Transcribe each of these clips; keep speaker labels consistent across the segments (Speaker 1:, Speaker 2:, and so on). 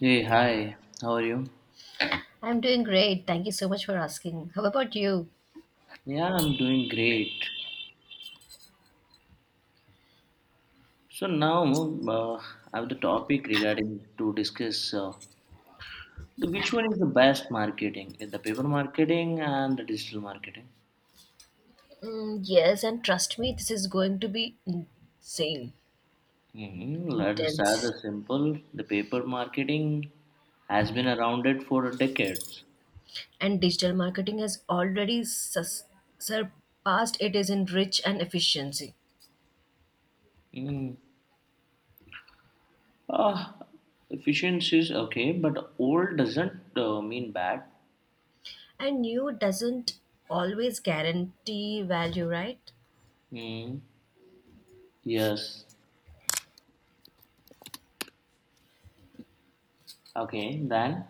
Speaker 1: Hey, hi, how are you?
Speaker 2: I'm doing great. Thank you so much for asking. How about you?
Speaker 1: Yeah, I'm doing great. So now uh, I have the topic regarding to discuss which one is the best marketing, is the paper marketing and the digital marketing.
Speaker 2: Mm, yes, and trust me, this is going to be insane,
Speaker 1: Let's start
Speaker 2: intense.
Speaker 1: the simple. The paper marketing has been around it for decades.
Speaker 2: And digital marketing has already surpassed it is in reach and efficiency.
Speaker 1: Mm. Uh, Efficiency is okay, but old doesn't mean bad.
Speaker 2: And new doesn't always guarantee value, right?
Speaker 1: Mm. Yes. Okay, then.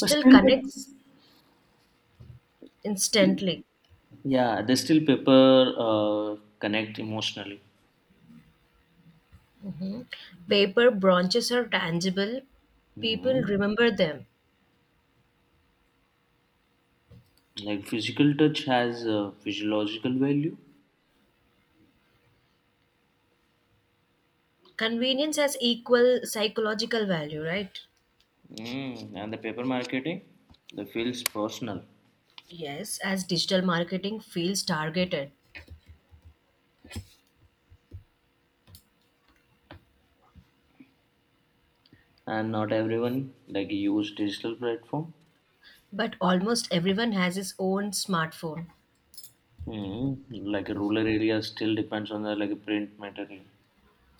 Speaker 1: But still, the,
Speaker 2: connects
Speaker 1: still,
Speaker 2: instantly.
Speaker 1: yeah, they still paper connect emotionally.
Speaker 2: Paper branches are tangible. People
Speaker 1: Mm.
Speaker 2: remember them.
Speaker 1: Like physical touch has a physiological value.
Speaker 2: Convenience has equal psychological value, right?
Speaker 1: Mm. And the paper marketing, that feels personal.
Speaker 2: Yes, as digital marketing feels targeted,
Speaker 1: And not everyone like use digital platform.
Speaker 2: but almost everyone has his own smartphone,
Speaker 1: Mm. Like a rural area still depends on the like print material.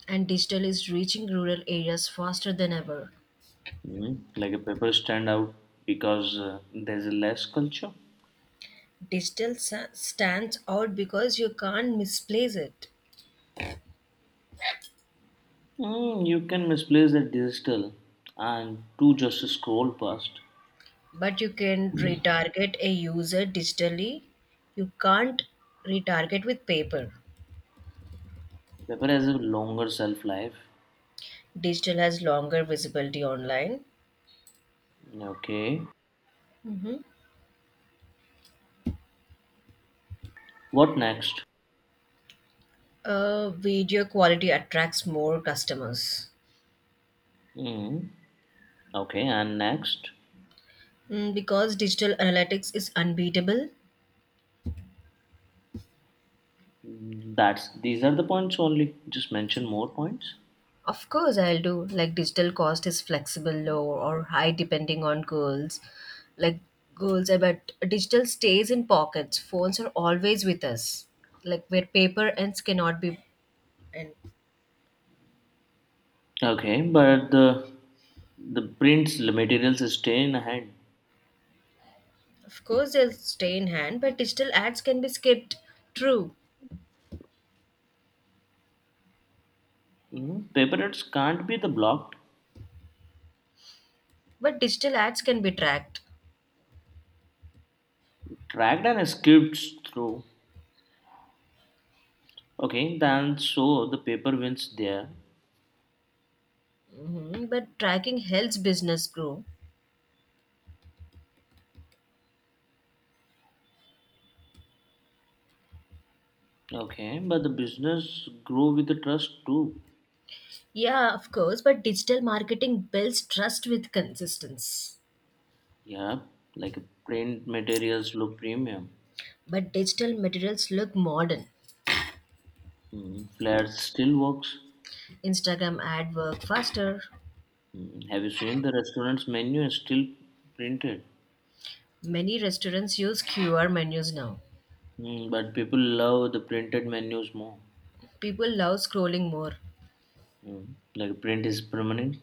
Speaker 2: and digital is reaching rural areas faster than ever.
Speaker 1: Mm. Like a paper stand out because there's less culture.
Speaker 2: Digital stands out because you can't misplace it,
Speaker 1: You can misplace the digital and to just scroll past.
Speaker 2: but you can retarget a user digitally. You can't retarget with paper.
Speaker 1: Paper has a longer shelf life.
Speaker 2: Digital has longer visibility online.
Speaker 1: Okay. What next?
Speaker 2: Video quality attracts more customers.
Speaker 1: Mm. Okay, and next.
Speaker 2: Mm, because digital analytics is unbeatable.
Speaker 1: That's these are the points only. Just mention more points.
Speaker 2: Of course, I'll do. Like digital cost is flexible, low or high depending on goals. Like goals, I bet digital stays in pockets. Phones are always with us. Like where paper ends cannot be. And
Speaker 1: Okay, but the prints the materials stay in hand.
Speaker 2: of course, they'll stay in hand. But digital ads can be skipped. True,
Speaker 1: Mm. Paper routes can't be the blocked,
Speaker 2: but digital ads can be tracked.
Speaker 1: tracked and skipped through. Okay, then so the paper wins there.
Speaker 2: Hmm, but tracking helps business grow.
Speaker 1: Okay, but the business grow with the trust too.
Speaker 2: Yeah, of course, but digital marketing builds trust with consistency.
Speaker 1: Yeah, like print materials look premium.
Speaker 2: But digital materials look modern.
Speaker 1: Flair still works.
Speaker 2: Instagram ad work faster.
Speaker 1: Have you seen the restaurant's menu is still printed?
Speaker 2: Many restaurants use QR menus now.
Speaker 1: But people love the printed menus more.
Speaker 2: People love scrolling more.
Speaker 1: Like print is permanent,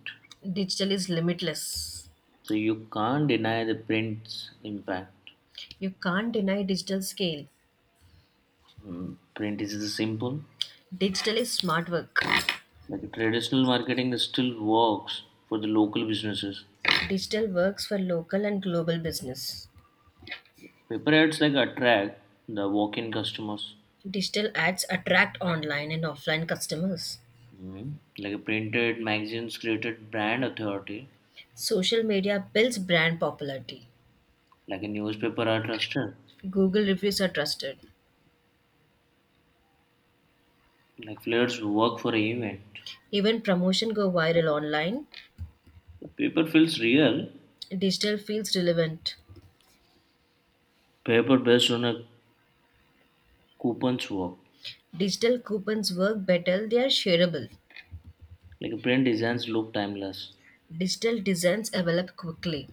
Speaker 2: Digital is limitless.
Speaker 1: so you can't deny the print's impact.
Speaker 2: You can't deny digital scale.
Speaker 1: Print is the simple.
Speaker 2: Digital is smart work.
Speaker 1: Like traditional marketing still works for the local businesses.
Speaker 2: Digital works for local and global business.
Speaker 1: Paper ads like attract the walk-in customers.
Speaker 2: Digital ads attract online and offline customers.
Speaker 1: Like printed magazines created brand authority.
Speaker 2: Social media builds brand popularity.
Speaker 1: Like a newspaper are trusted.
Speaker 2: Google reviews are trusted.
Speaker 1: Like flyers work for an event.
Speaker 2: Even promotion go viral online.
Speaker 1: But paper feels real.
Speaker 2: Digital feels relevant.
Speaker 1: Paper based on a coupon's work.
Speaker 2: Digital coupons work better, they are shareable.
Speaker 1: Like print designs look timeless.
Speaker 2: Digital designs develop quickly,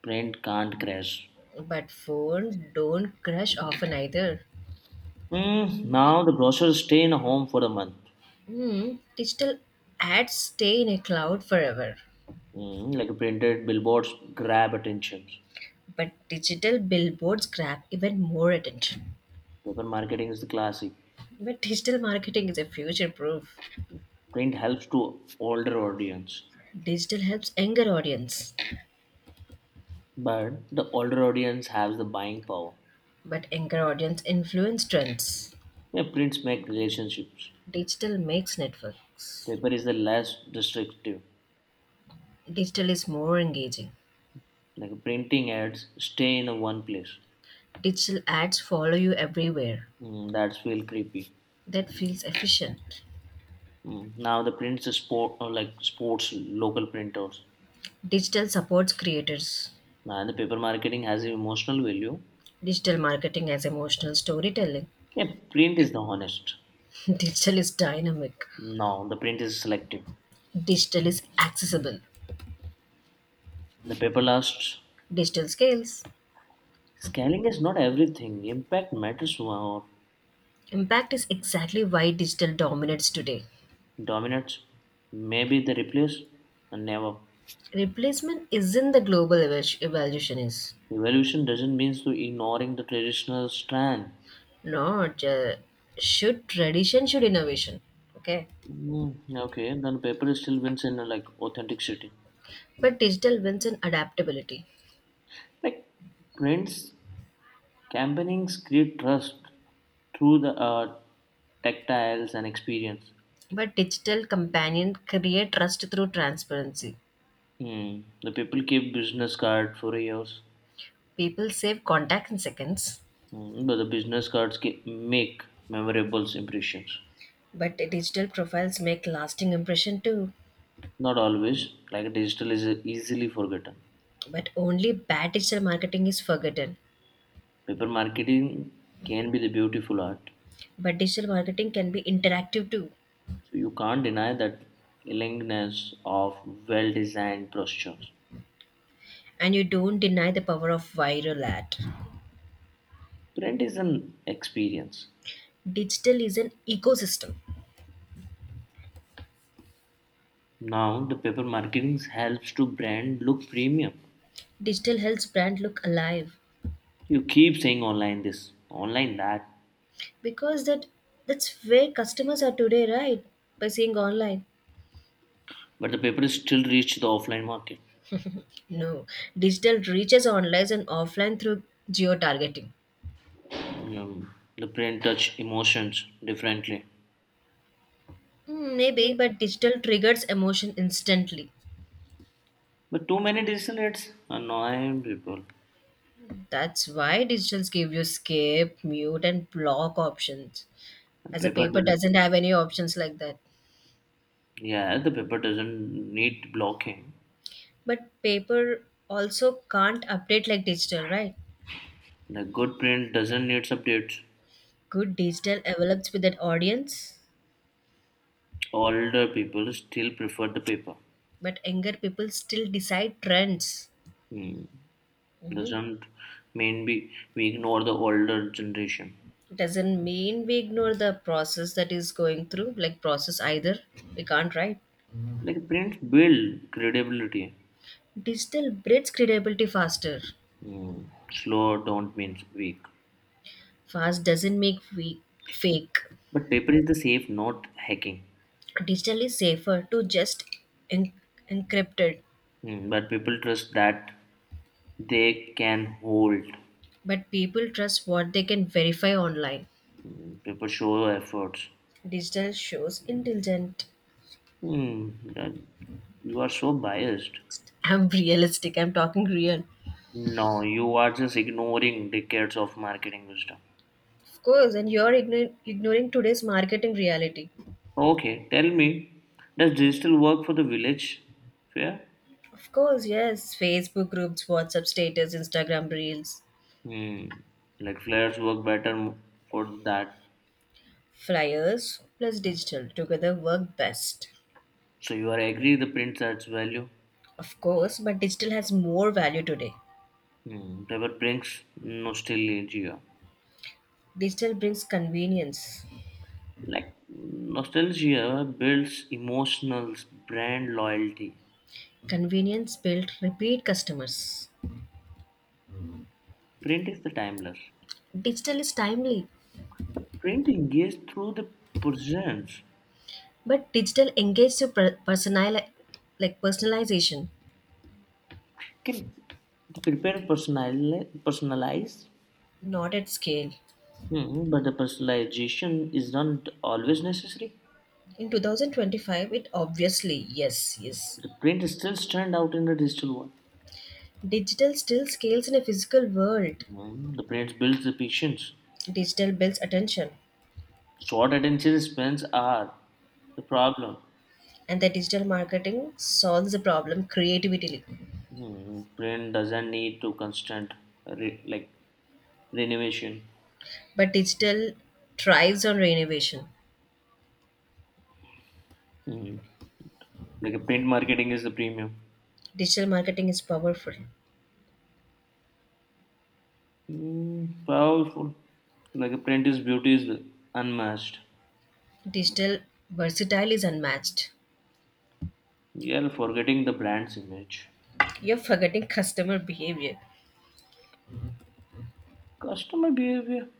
Speaker 1: Print can't crash.
Speaker 2: but phone don't crash often either.
Speaker 1: Now the brochures stay in a home for a month.
Speaker 2: Hmm, digital ads stay in a cloud forever,
Speaker 1: Like printed billboards grab attention.
Speaker 2: but digital billboards grab even more attention.
Speaker 1: Paper marketing is the classic.
Speaker 2: But digital marketing is a future proof.
Speaker 1: Print helps to older audience.
Speaker 2: Digital helps younger audience,
Speaker 1: But the older audience has the buying power.
Speaker 2: but younger audience influence trends.
Speaker 1: Yeah, prints make relationships.
Speaker 2: Digital makes networks.
Speaker 1: Paper is the less restrictive.
Speaker 2: Digital is more engaging.
Speaker 1: Like printing ads stay in a one place.
Speaker 2: Digital ads follow you everywhere.
Speaker 1: That's real creepy.
Speaker 2: That feels efficient.
Speaker 1: Mm. Now the prints is sport or like sports local printers.
Speaker 2: Digital supports creators.
Speaker 1: Now the paper marketing has an emotional value.
Speaker 2: Digital marketing as emotional storytelling.
Speaker 1: Yeah, print is the honest.
Speaker 2: Digital is dynamic.
Speaker 1: No, the print is selective.
Speaker 2: Digital is accessible.
Speaker 1: The paper lasts.
Speaker 2: Digital scales.
Speaker 1: Scaling is not everything. Impact matters more.
Speaker 2: Impact is exactly why digital dominates today.
Speaker 1: Dominates. Maybe they replace and never.
Speaker 2: Replacement isn't the global evolution is.
Speaker 1: Evolution doesn't mean to ignoring the traditional strand.
Speaker 2: Not should tradition should innovation. Okay.
Speaker 1: Mm, okay, then paper still wins in like authenticity.
Speaker 2: But digital wins in adaptability.
Speaker 1: Like prints campaignings create trust through the tactiles and experience.
Speaker 2: But digital companion create trust through transparency.
Speaker 1: Hmm. The people keep business card for years.
Speaker 2: People save contact in seconds.
Speaker 1: But the business cards keep, make memorable impressions.
Speaker 2: But digital profiles make lasting impression too.
Speaker 1: Not always, like digital is easily forgotten.
Speaker 2: But only bad digital marketing is forgotten.
Speaker 1: Paper marketing can be the beautiful art.
Speaker 2: But digital marketing can be interactive too.
Speaker 1: So you can't deny that elegance of well-designed brochures.
Speaker 2: And you don't deny the power of viral ad.
Speaker 1: Brand is an experience.
Speaker 2: Digital is an ecosystem.
Speaker 1: Now the paper marketing helps to brand look premium.
Speaker 2: Digital helps brand look alive
Speaker 1: You keep saying online this, online that,
Speaker 2: because that's where customers are today, right? By seeing online,
Speaker 1: but the papers still reach the offline market.
Speaker 2: no, digital reaches online and offline through geo targeting.
Speaker 1: The print touch emotions differently.
Speaker 2: Hmm, maybe, but digital triggers emotion instantly.
Speaker 1: But too many digital ads annoy people.
Speaker 2: That's why digitals give you skip, mute and block options,
Speaker 1: The
Speaker 2: as a
Speaker 1: paper
Speaker 2: paper
Speaker 1: doesn't.
Speaker 2: doesn't have any options like that.
Speaker 1: Yeah, the paper doesn't need blocking.
Speaker 2: But paper also can't update like digital, right?
Speaker 1: The good print doesn't need updates.
Speaker 2: Good digital develops with an audience,
Speaker 1: Older people still prefer the paper.
Speaker 2: but younger people still decide trends.
Speaker 1: Hmm.
Speaker 2: Mhm.
Speaker 1: Doesn't mean we ignore the older generation.
Speaker 2: It doesn't mean we ignore the process that is going through like process either. We can't, right?
Speaker 1: Like print build credibility.
Speaker 2: Digital breeds credibility faster.
Speaker 1: Hmm. Slow don't mean weak.
Speaker 2: Fast doesn't make weak, fake.
Speaker 1: But paper is the safe, not hacking.
Speaker 2: Digital is safer to just en- encrypted.
Speaker 1: But people trust that they can hold.
Speaker 2: But people trust what they can verify online.
Speaker 1: People show efforts.
Speaker 2: Digital shows intelligent.
Speaker 1: Mm, that- you are so biased.
Speaker 2: I'm realistic. I'm talking real.
Speaker 1: No, you are just ignoring decades of marketing wisdom.
Speaker 2: Of course, and you're ignoring today's marketing reality.
Speaker 1: Okay, tell me, does digital work for the village fair?
Speaker 2: Of course, yes. Facebook groups, WhatsApp status, Instagram reels,
Speaker 1: Hmm. Like flyers work better for that.
Speaker 2: flyers plus digital together work best.
Speaker 1: So you are agree the print adds value?
Speaker 2: Of course, but digital has more value today.
Speaker 1: Hmm. Paper brings nostalgia.
Speaker 2: Digital brings convenience.
Speaker 1: Like nostalgia builds emotional brand loyalty.
Speaker 2: Convenience built repeat customers.
Speaker 1: Print is the timeless.
Speaker 2: Digital is timely,
Speaker 1: But print engages through the presence.
Speaker 2: but digital engages your like personalization,
Speaker 1: Can the prepare personalize,
Speaker 2: not at scale.
Speaker 1: But the personalization is not always necessary.
Speaker 2: In 2025, it obviously, yes, yes.
Speaker 1: The print still stand out in the digital world.
Speaker 2: Digital still scales in a physical world.
Speaker 1: The print builds the patience.
Speaker 2: Digital builds attention,
Speaker 1: Short attention spans are the problem.
Speaker 2: and the digital marketing solves the problem creatively.
Speaker 1: Print doesn't need to constant like renovation.
Speaker 2: But digital thrives on renovation.
Speaker 1: Mm. Like a print marketing is the premium.
Speaker 2: Digital marketing is powerful.
Speaker 1: Powerful. Like a print is beauty is unmatched.
Speaker 2: Digital versatile is unmatched.
Speaker 1: You are forgetting the brand's image.
Speaker 2: You're forgetting customer behavior.
Speaker 1: Customer behavior.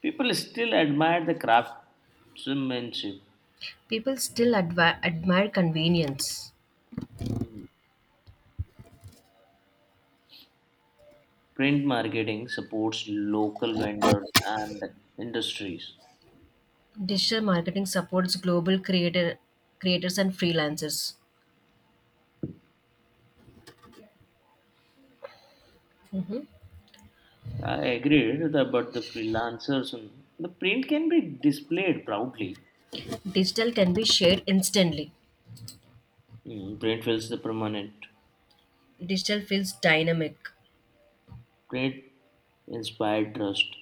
Speaker 1: People still admire the craftsmanship.
Speaker 2: People still admire convenience.
Speaker 1: Mm. Print marketing supports local vendors and industries.
Speaker 2: Digital marketing supports global creators and freelancers.
Speaker 1: I agree with that, but the freelancers and the print can be displayed proudly.
Speaker 2: Digital can be shared instantly.
Speaker 1: Print feels the permanent.
Speaker 2: Digital feels dynamic.
Speaker 1: Print inspired trust.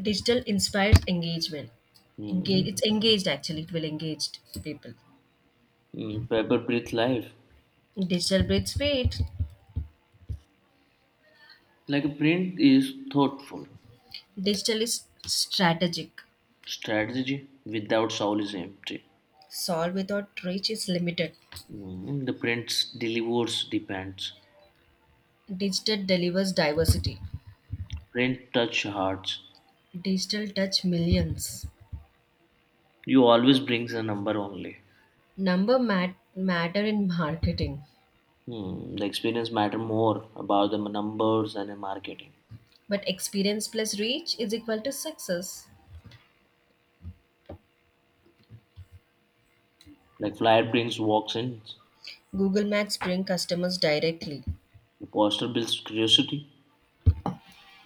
Speaker 2: Digital inspires engagement. Engage,
Speaker 1: Mm,
Speaker 2: it's engaged actually, it will engage people.
Speaker 1: paper breathe life.
Speaker 2: Digital breeds speed.
Speaker 1: Like a print is thoughtful.
Speaker 2: Digital is strategic.
Speaker 1: Strategy without soul is empty.
Speaker 2: Solve without reach is limited.
Speaker 1: The print delivers depends.
Speaker 2: Digital delivers diversity.
Speaker 1: Print touch hearts.
Speaker 2: Digital touch millions.
Speaker 1: You always brings a number only.
Speaker 2: Number matter in marketing,
Speaker 1: Hmm. The experience matter more about the numbers and the marketing.
Speaker 2: but experience plus reach is equal to success.
Speaker 1: Like flyer brings walks in.
Speaker 2: Google Maps bring customers directly.
Speaker 1: The poster builds curiosity.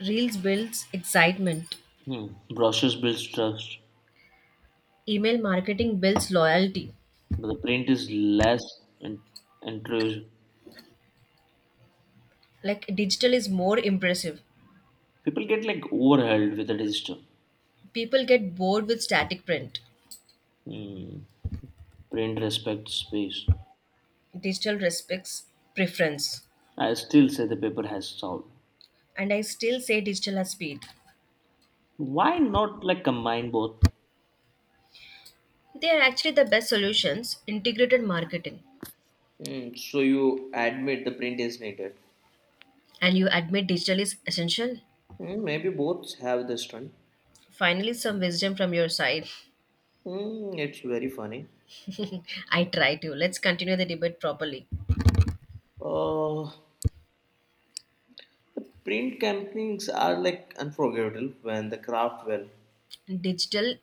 Speaker 2: Reels builds excitement.
Speaker 1: Hmm. Brochures builds trust,
Speaker 2: Email marketing builds loyalty.
Speaker 1: but the print is less and intrusive.
Speaker 2: Like digital is more impressive.
Speaker 1: People get like overwhelmed with the digital.
Speaker 2: People get bored with static print.
Speaker 1: Hmm. Print respects space.
Speaker 2: Digital respects preference.
Speaker 1: I still say the paper has soul.
Speaker 2: And I still say digital has speed.
Speaker 1: Why not like combine both?
Speaker 2: They are actually the best solutions, integrated marketing.
Speaker 1: So you admit the print is needed.
Speaker 2: And you admit digital is essential?
Speaker 1: Maybe both have the strength.
Speaker 2: Finally, some wisdom from your side.
Speaker 1: It's very funny.
Speaker 2: I try to. Let's continue the debate properly.
Speaker 1: Uh, the print campaigns are like unforgettable when the craft well,
Speaker 2: Digital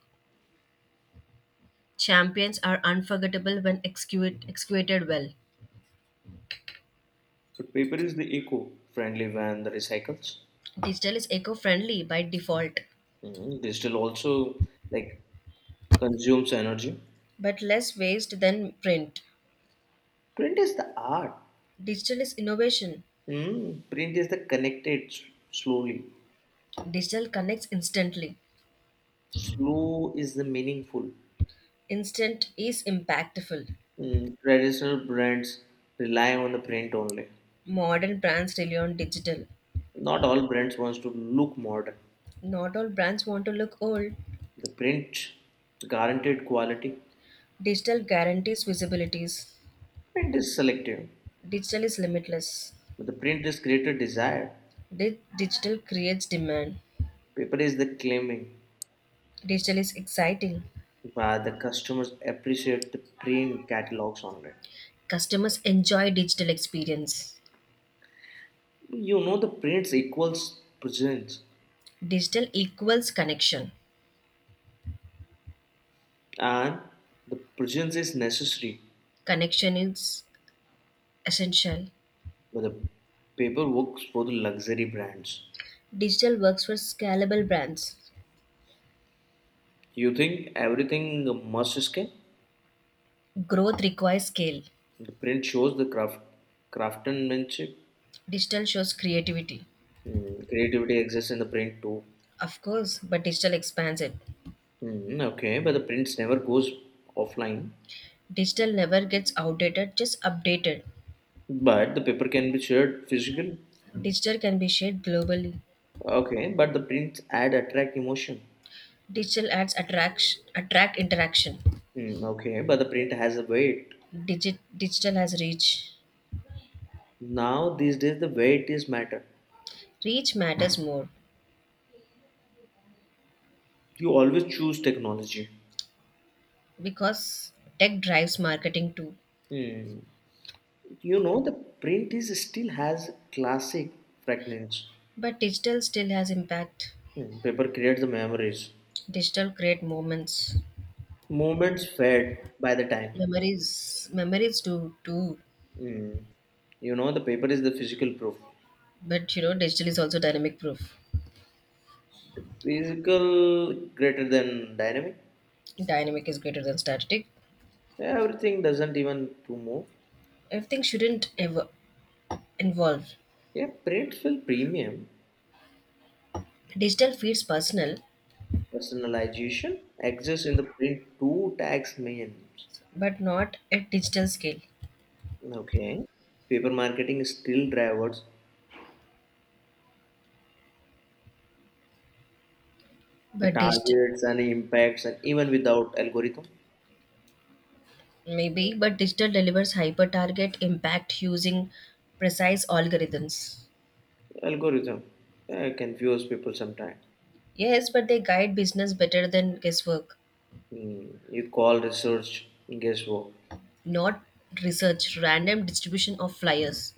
Speaker 2: champions are unforgettable when executed well.
Speaker 1: but paper is the eco-friendly when the recycles.
Speaker 2: Digital is eco friendly by default,
Speaker 1: Digital also like consumes energy.
Speaker 2: but less waste than print.
Speaker 1: Print is the art.
Speaker 2: Digital is innovation.
Speaker 1: Print is the connected slowly.
Speaker 2: Digital connects instantly.
Speaker 1: Slow is the meaningful.
Speaker 2: Instant is impactful.
Speaker 1: Traditional brands rely on the print only.
Speaker 2: Modern brands rely on digital.
Speaker 1: Not all brands wants to look modern.
Speaker 2: Not all brands want to look old.
Speaker 1: The print guaranteed quality.
Speaker 2: Digital guarantees visibilities.
Speaker 1: Print is selective.
Speaker 2: Digital is limitless.
Speaker 1: But the print is greater desire.
Speaker 2: Digital creates demand.
Speaker 1: Paper is the claiming.
Speaker 2: Digital is exciting.
Speaker 1: But the customers appreciate the print catalogs only.
Speaker 2: Customers enjoy digital experience.
Speaker 1: You know the prints equals presence,
Speaker 2: Digital equals connection.
Speaker 1: and the presence is necessary.
Speaker 2: Connection is essential.
Speaker 1: But the paper works for the luxury brands.
Speaker 2: Digital works for scalable brands.
Speaker 1: You think everything must escape?
Speaker 2: Growth requires scale.
Speaker 1: The print shows the craftsmanship.
Speaker 2: Digital shows creativity.
Speaker 1: Creativity exists in the print too.
Speaker 2: Of course, but digital expands it.
Speaker 1: Okay, but the prints never goes offline.
Speaker 2: Digital never gets outdated, just updated.
Speaker 1: But the paper can be shared physical.
Speaker 2: Digital can be shared globally.
Speaker 1: Okay, but the prints add attract emotion.
Speaker 2: Digital ads attract interaction.
Speaker 1: Okay, but the print has a weight.
Speaker 2: Digital has reach.
Speaker 1: Now these days the weight is matter.
Speaker 2: Reach matters more
Speaker 1: You always choose technology.
Speaker 2: because tech drives marketing too.
Speaker 1: Hmm. The print is still has classic fragments.
Speaker 2: But digital still has impact.
Speaker 1: Hmm. Paper creates the memories.
Speaker 2: Digital create moments.
Speaker 1: Moments fade by the time.
Speaker 2: Memories do too.
Speaker 1: The paper is the physical proof.
Speaker 2: But you know, digital is also dynamic proof.
Speaker 1: Physical greater than dynamic.
Speaker 2: Dynamic is greater than static.
Speaker 1: Everything doesn't even to move.
Speaker 2: Everything shouldn't ever involve.
Speaker 1: Yeah, print feel premium.
Speaker 2: Digital feels personal,
Speaker 1: Personalization exists in the print two tax means.
Speaker 2: but not at digital scale.
Speaker 1: Okay. Paper marketing still drivers the
Speaker 2: But digital
Speaker 1: targets and impacts and even without algorithm.
Speaker 2: maybe, but digital delivers hyper target impact using precise algorithms.
Speaker 1: Algorithm, yeah, it confuse people sometimes.
Speaker 2: Yes, but they guide business better than guesswork,
Speaker 1: You call research guess what.
Speaker 2: not research, random distribution of flyers.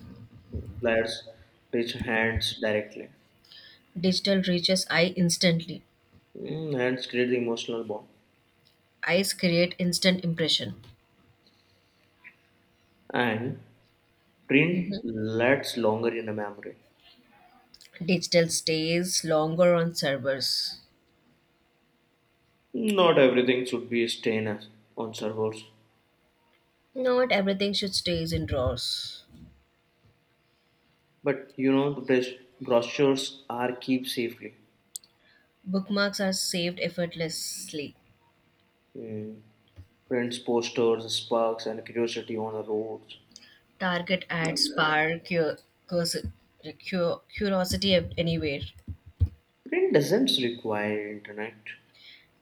Speaker 1: Players reach hands directly.
Speaker 2: Digital reaches eye instantly.
Speaker 1: Hands create the emotional bond,
Speaker 2: Eyes create instant impression.
Speaker 1: and print lasts longer in a memory.
Speaker 2: Digital stays longer on servers.
Speaker 1: Not everything should be staying on servers,
Speaker 2: Not everything should stays in drawers.
Speaker 1: but you know the best brochures are kept safely.
Speaker 2: Bookmarks are saved effortlessly.
Speaker 1: Mm, prints posters sparks and curiosity on the roads.
Speaker 2: Target ads spark your cursi- curiosity anywhere.
Speaker 1: Print doesn't require internet.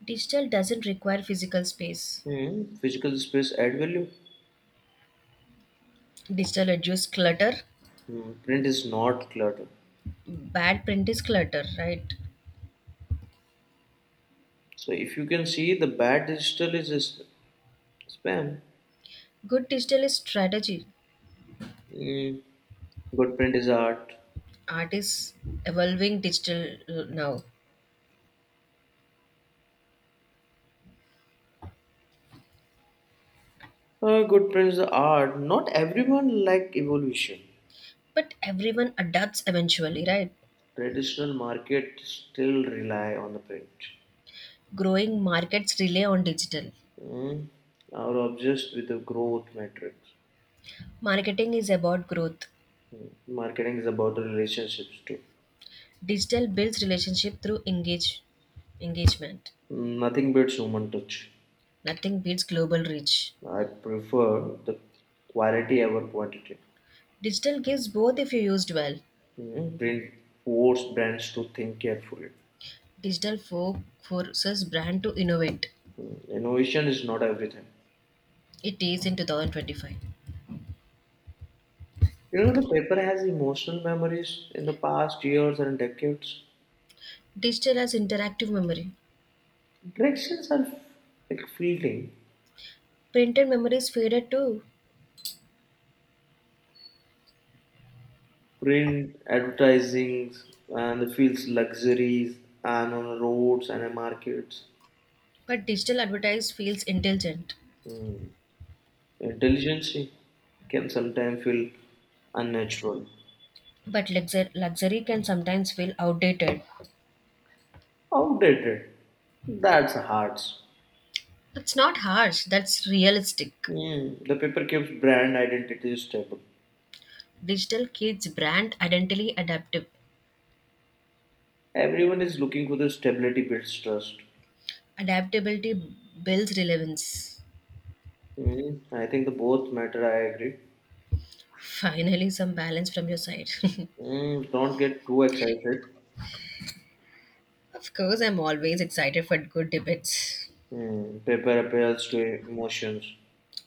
Speaker 2: Digital doesn't require physical space.
Speaker 1: Physical space add value.
Speaker 2: Digital reduces clutter.
Speaker 1: Print is not clutter.
Speaker 2: Bad print is clutter, right?
Speaker 1: So if you can see, the bad digital is spam.
Speaker 2: Good digital is strategy.
Speaker 1: Mm, good print is art.
Speaker 2: Art is evolving digital now.
Speaker 1: Good print is art. Not everyone like evolution.
Speaker 2: But everyone adapts eventually, right?
Speaker 1: Traditional market still rely on the print.
Speaker 2: Growing markets rely on digital.
Speaker 1: Mm, are obsessed with the growth metrics.
Speaker 2: Marketing is about growth.
Speaker 1: Marketing is about the relationships too.
Speaker 2: Digital builds relationship through engagement.
Speaker 1: Nothing beats human touch.
Speaker 2: Nothing beats global reach.
Speaker 1: I prefer the quality over quantity.
Speaker 2: Digital gives both if you used well.
Speaker 1: Print force brands to think carefully.
Speaker 2: Digital for forces brand to innovate.
Speaker 1: Innovation is not everything.
Speaker 2: It is in 2025.
Speaker 1: The paper has emotional memories in the past years and decades.
Speaker 2: Digital has interactive memory.
Speaker 1: Interactions are like fleeting.
Speaker 2: Printed memory is faded too,
Speaker 1: Print, advertising, and the fields luxuries, and on roads and in markets.
Speaker 2: but digital advertise feels intelligent.
Speaker 1: Hmm. Intelligence can sometimes feel unnatural,
Speaker 2: But luxury can sometimes feel outdated.
Speaker 1: outdated. That's hard.
Speaker 2: That's not harsh, that's realistic.
Speaker 1: Hmm. The paper keeps brand identity stable.
Speaker 2: Digital keeps brand identity adaptive.
Speaker 1: Everyone is looking for the stability builds trust.
Speaker 2: Adaptability builds relevance.
Speaker 1: I think the both matter. I agree.
Speaker 2: Finally, some balance from your side.
Speaker 1: Don't get too excited.
Speaker 2: Of course, I'm always excited for good debates.
Speaker 1: Paper appeals to emotions.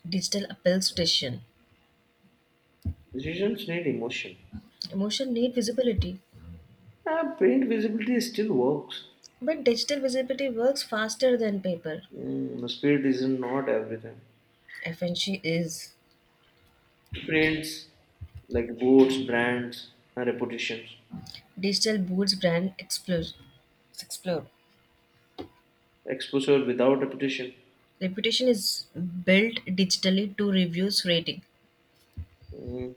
Speaker 2: Digital appeals to decision.
Speaker 1: Decisions need emotion.
Speaker 2: Emotion need visibility,
Speaker 1: Print visibility still works.
Speaker 2: but digital visibility works faster than paper.
Speaker 1: The speed is not everything.
Speaker 2: FNC is
Speaker 1: Prints like boots, brands, and reputations.
Speaker 2: digital boots brand explode. Explode.
Speaker 1: Exposure without reputation.
Speaker 2: Reputation is built digitally to reviews rating.
Speaker 1: Mm,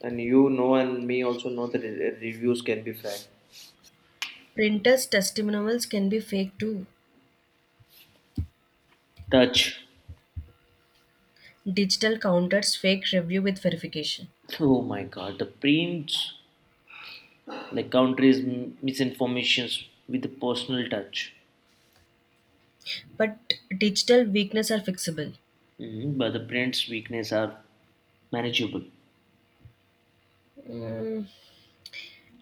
Speaker 1: and you know, and me also know that reviews can be fake.
Speaker 2: Printers testimonials can be fake too.
Speaker 1: Touch.
Speaker 2: Digital counters fake review with verification.
Speaker 1: Oh my god, the prints like countries misinformations with a personal touch.
Speaker 2: But digital weakness are fixable.
Speaker 1: Mhm, but the print's weakness are manageable.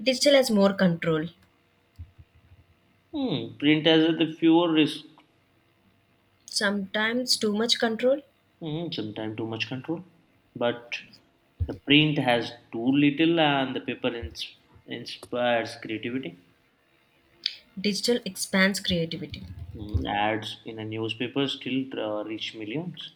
Speaker 2: Digital has more control.
Speaker 1: Print has the fewer risk.
Speaker 2: Sometimes too much control.
Speaker 1: Sometimes too much control, but the print has too little and the paper inspires creativity.
Speaker 2: Digital expands creativity.
Speaker 1: Ads in a newspaper still reach millions.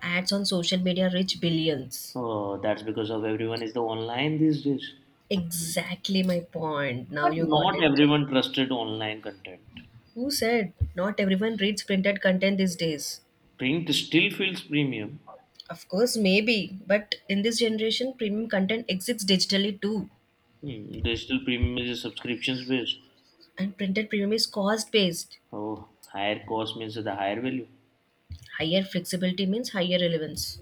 Speaker 2: Ads on social media reach billions.
Speaker 1: Oh, that's because of everyone is the online these days,
Speaker 2: Exactly my point. Now
Speaker 1: but
Speaker 2: you got
Speaker 1: not
Speaker 2: it.
Speaker 1: everyone trusted online content.
Speaker 2: Who said not everyone reads printed content these days?
Speaker 1: Print still feels premium.
Speaker 2: Of course, maybe, but in this generation, premium content exists digitally too.
Speaker 1: Digital premium is a subscriptions based.
Speaker 2: And printed premium is cost based.
Speaker 1: Oh, higher cost means the higher value.
Speaker 2: Higher flexibility means higher relevance.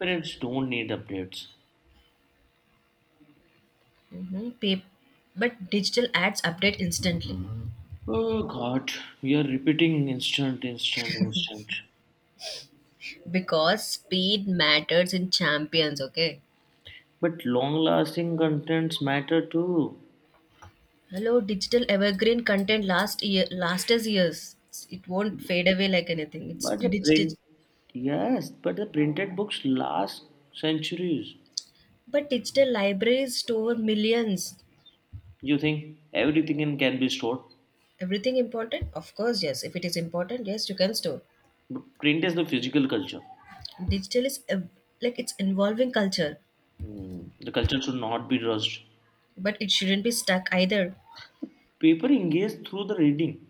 Speaker 1: Parents don't need updates.
Speaker 2: Mm-hmm. But digital ads update instantly.
Speaker 1: Oh God, we are repeating instant, instant, instant.
Speaker 2: Because speed matters in champions, okay?
Speaker 1: But long-lasting contents matter too.
Speaker 2: Hello, digital evergreen content last year last as years, it won't fade away like anything, it's
Speaker 1: But the
Speaker 2: digital.
Speaker 1: print, yes, but the printed books last centuries.
Speaker 2: But digital libraries store millions.
Speaker 1: You think everything in can be stored?
Speaker 2: Everything important, of course, yes, if it is important, yes, you can store.
Speaker 1: But print is the physical culture.
Speaker 2: Digital is like it's involving culture,
Speaker 1: The culture should not be rushed.
Speaker 2: but it shouldn't be stuck either.
Speaker 1: Paper engages through the reading.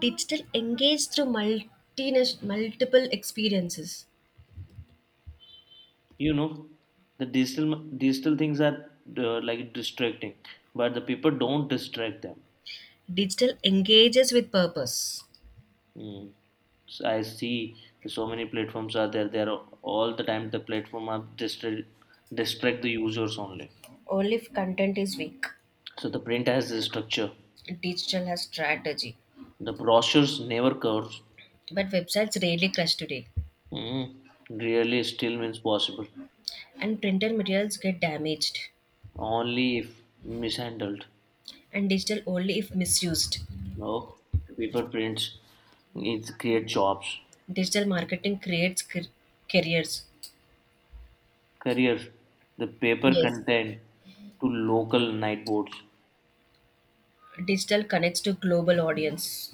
Speaker 2: Digital engage through multiple experiences.
Speaker 1: You know the digital things are like distracting, but the people don't distract them.
Speaker 2: Digital engages with purpose,
Speaker 1: Mm. So I see the so many platforms are there are all the time the platform are distract the users only.
Speaker 2: only if content is weak.
Speaker 1: So the print has the structure.
Speaker 2: Digital has strategy,
Speaker 1: The brochures never curves.
Speaker 2: but websites rarely crash today,
Speaker 1: Mm. Really still means possible.
Speaker 2: and printed materials get damaged,
Speaker 1: Only if mishandled.
Speaker 2: and digital only if misused.
Speaker 1: No, the paper prints needs create jobs.
Speaker 2: Digital marketing creates careers.
Speaker 1: Careers, the paper
Speaker 2: Yes,
Speaker 1: content to local night boards,
Speaker 2: digital connects to global audience.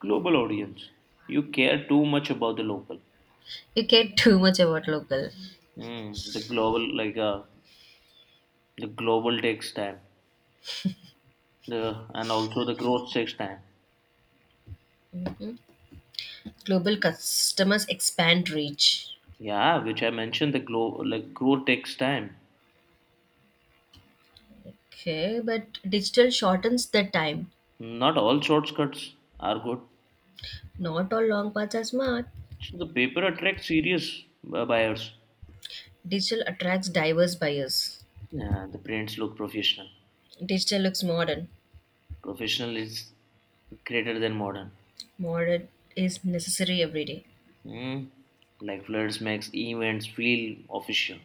Speaker 1: global audience. You care too much about the local.
Speaker 2: You care too much about local.
Speaker 1: The global like the global takes time, the and also the growth takes time.
Speaker 2: Global customers expand reach.
Speaker 1: Yeah, which I mentioned the glow like growth takes time.
Speaker 2: Okay, but digital shortens the time.
Speaker 1: Not all shortcuts are good.
Speaker 2: Not all long paths are smart.
Speaker 1: So the paper attracts serious buyers.
Speaker 2: Digital attracts diverse buyers.
Speaker 1: Yeah, the prints look professional.
Speaker 2: Digital looks modern.
Speaker 1: Professional is greater than modern.
Speaker 2: Modern is necessary every day.
Speaker 1: Mm, like floods makes events feel official.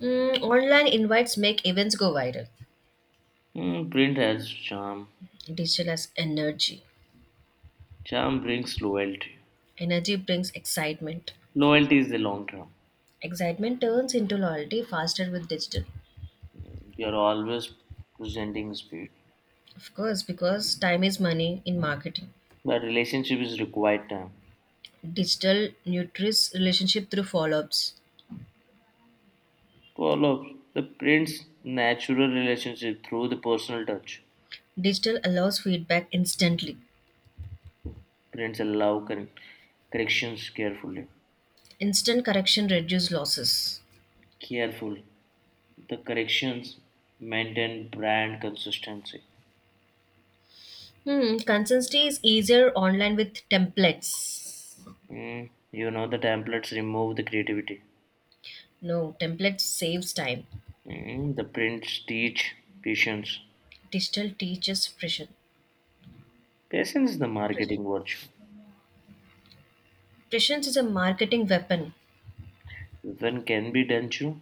Speaker 2: Mm, online invites make events go viral.
Speaker 1: Print has charm.
Speaker 2: Digital has energy.
Speaker 1: Charm brings loyalty.
Speaker 2: Energy brings excitement.
Speaker 1: Loyalty is the long term.
Speaker 2: Excitement turns into loyalty faster with digital.
Speaker 1: You're always presenting speed.
Speaker 2: Of course, because time is money in marketing.
Speaker 1: But relationship is required time.
Speaker 2: Digital nurtures relationship through follow-ups.
Speaker 1: Follow the prints natural relationship through the personal touch.
Speaker 2: Digital allows feedback instantly.
Speaker 1: Prints allow corrections carefully.
Speaker 2: Instant correction reduces losses.
Speaker 1: Careful. The corrections maintain brand consistency.
Speaker 2: Hmm, consistency is easier online with templates.
Speaker 1: You know the templates remove the creativity.
Speaker 2: No, templates saves time.
Speaker 1: The prints teach patience.
Speaker 2: Digital teaches precision.
Speaker 1: Patience is the marketing virtue.
Speaker 2: Presence is a marketing weapon.
Speaker 1: When can be done too.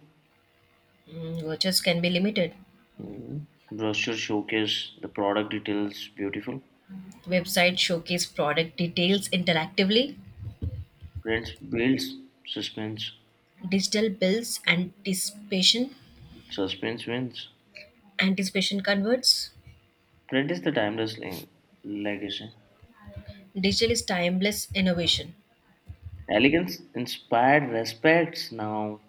Speaker 2: Mm, vouchers can be limited.
Speaker 1: Mm, brochure showcase the product details beautiful.
Speaker 2: Websites showcase product details interactively.
Speaker 1: Prints builds suspense.
Speaker 2: Digital builds anticipation.
Speaker 1: Suspense wins.
Speaker 2: Anticipation converts.
Speaker 1: Print is the timeless legacy.
Speaker 2: Digital is timeless innovation.
Speaker 1: Elegance inspired respects now.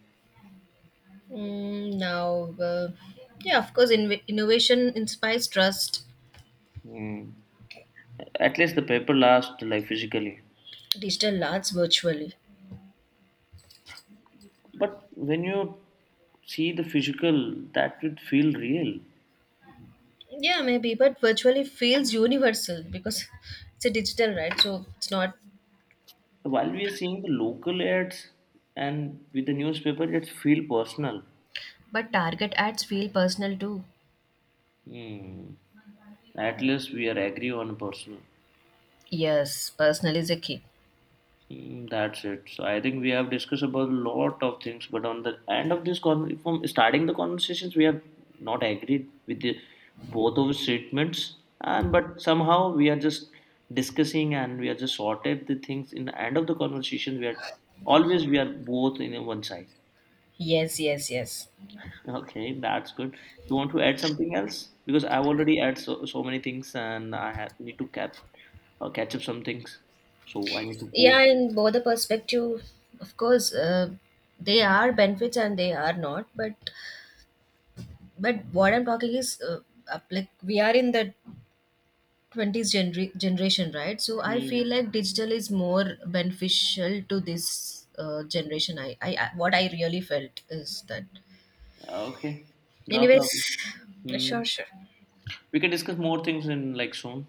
Speaker 2: Mm, now, yeah, of course, innovation inspires trust.
Speaker 1: Mm, at least the paper lasts like physically.
Speaker 2: Digital lasts virtually.
Speaker 1: But when you see the physical, that would feel real.
Speaker 2: Yeah, maybe, but virtually feels universal because it's a digital, right? So it's not.
Speaker 1: So, while we are seeing the local ads and with the newspaper, it feel personal.
Speaker 2: But target ads feel personal too.
Speaker 1: Hmm. At least we are agree on personal.
Speaker 2: Yes, personal is a key.
Speaker 1: That's it. So I think we have discussed about a lot of things, but on the end of this con from starting the conversations, we have not agreed with both of the statements, and but somehow we are just discussing and we are just sorted the things. In the end of the conversation, we are always, we are both in a one side.
Speaker 2: Yes, yes, yes.
Speaker 1: Okay, that's good. You want to add something else? Because I've already added so, so many things and need to catch up some things. So I need to go.
Speaker 2: Yeah, in both the perspective, of course, they are benefits and they are not. But what I'm talking is, like we are in the generation, right? So I feel
Speaker 1: Hmm.
Speaker 2: like digital is more beneficial to this generation. I what I really felt is that.
Speaker 1: Okay, no
Speaker 2: Anyways,
Speaker 1: problem. Hmm.
Speaker 2: sure, sure,
Speaker 1: We can discuss more things in like soon.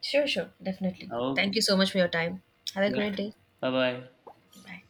Speaker 2: sure, definitely.
Speaker 1: Okay.
Speaker 2: Thank you so much for your time. Have a
Speaker 1: Yeah.
Speaker 2: great day.
Speaker 1: Bye bye.
Speaker 2: Bye.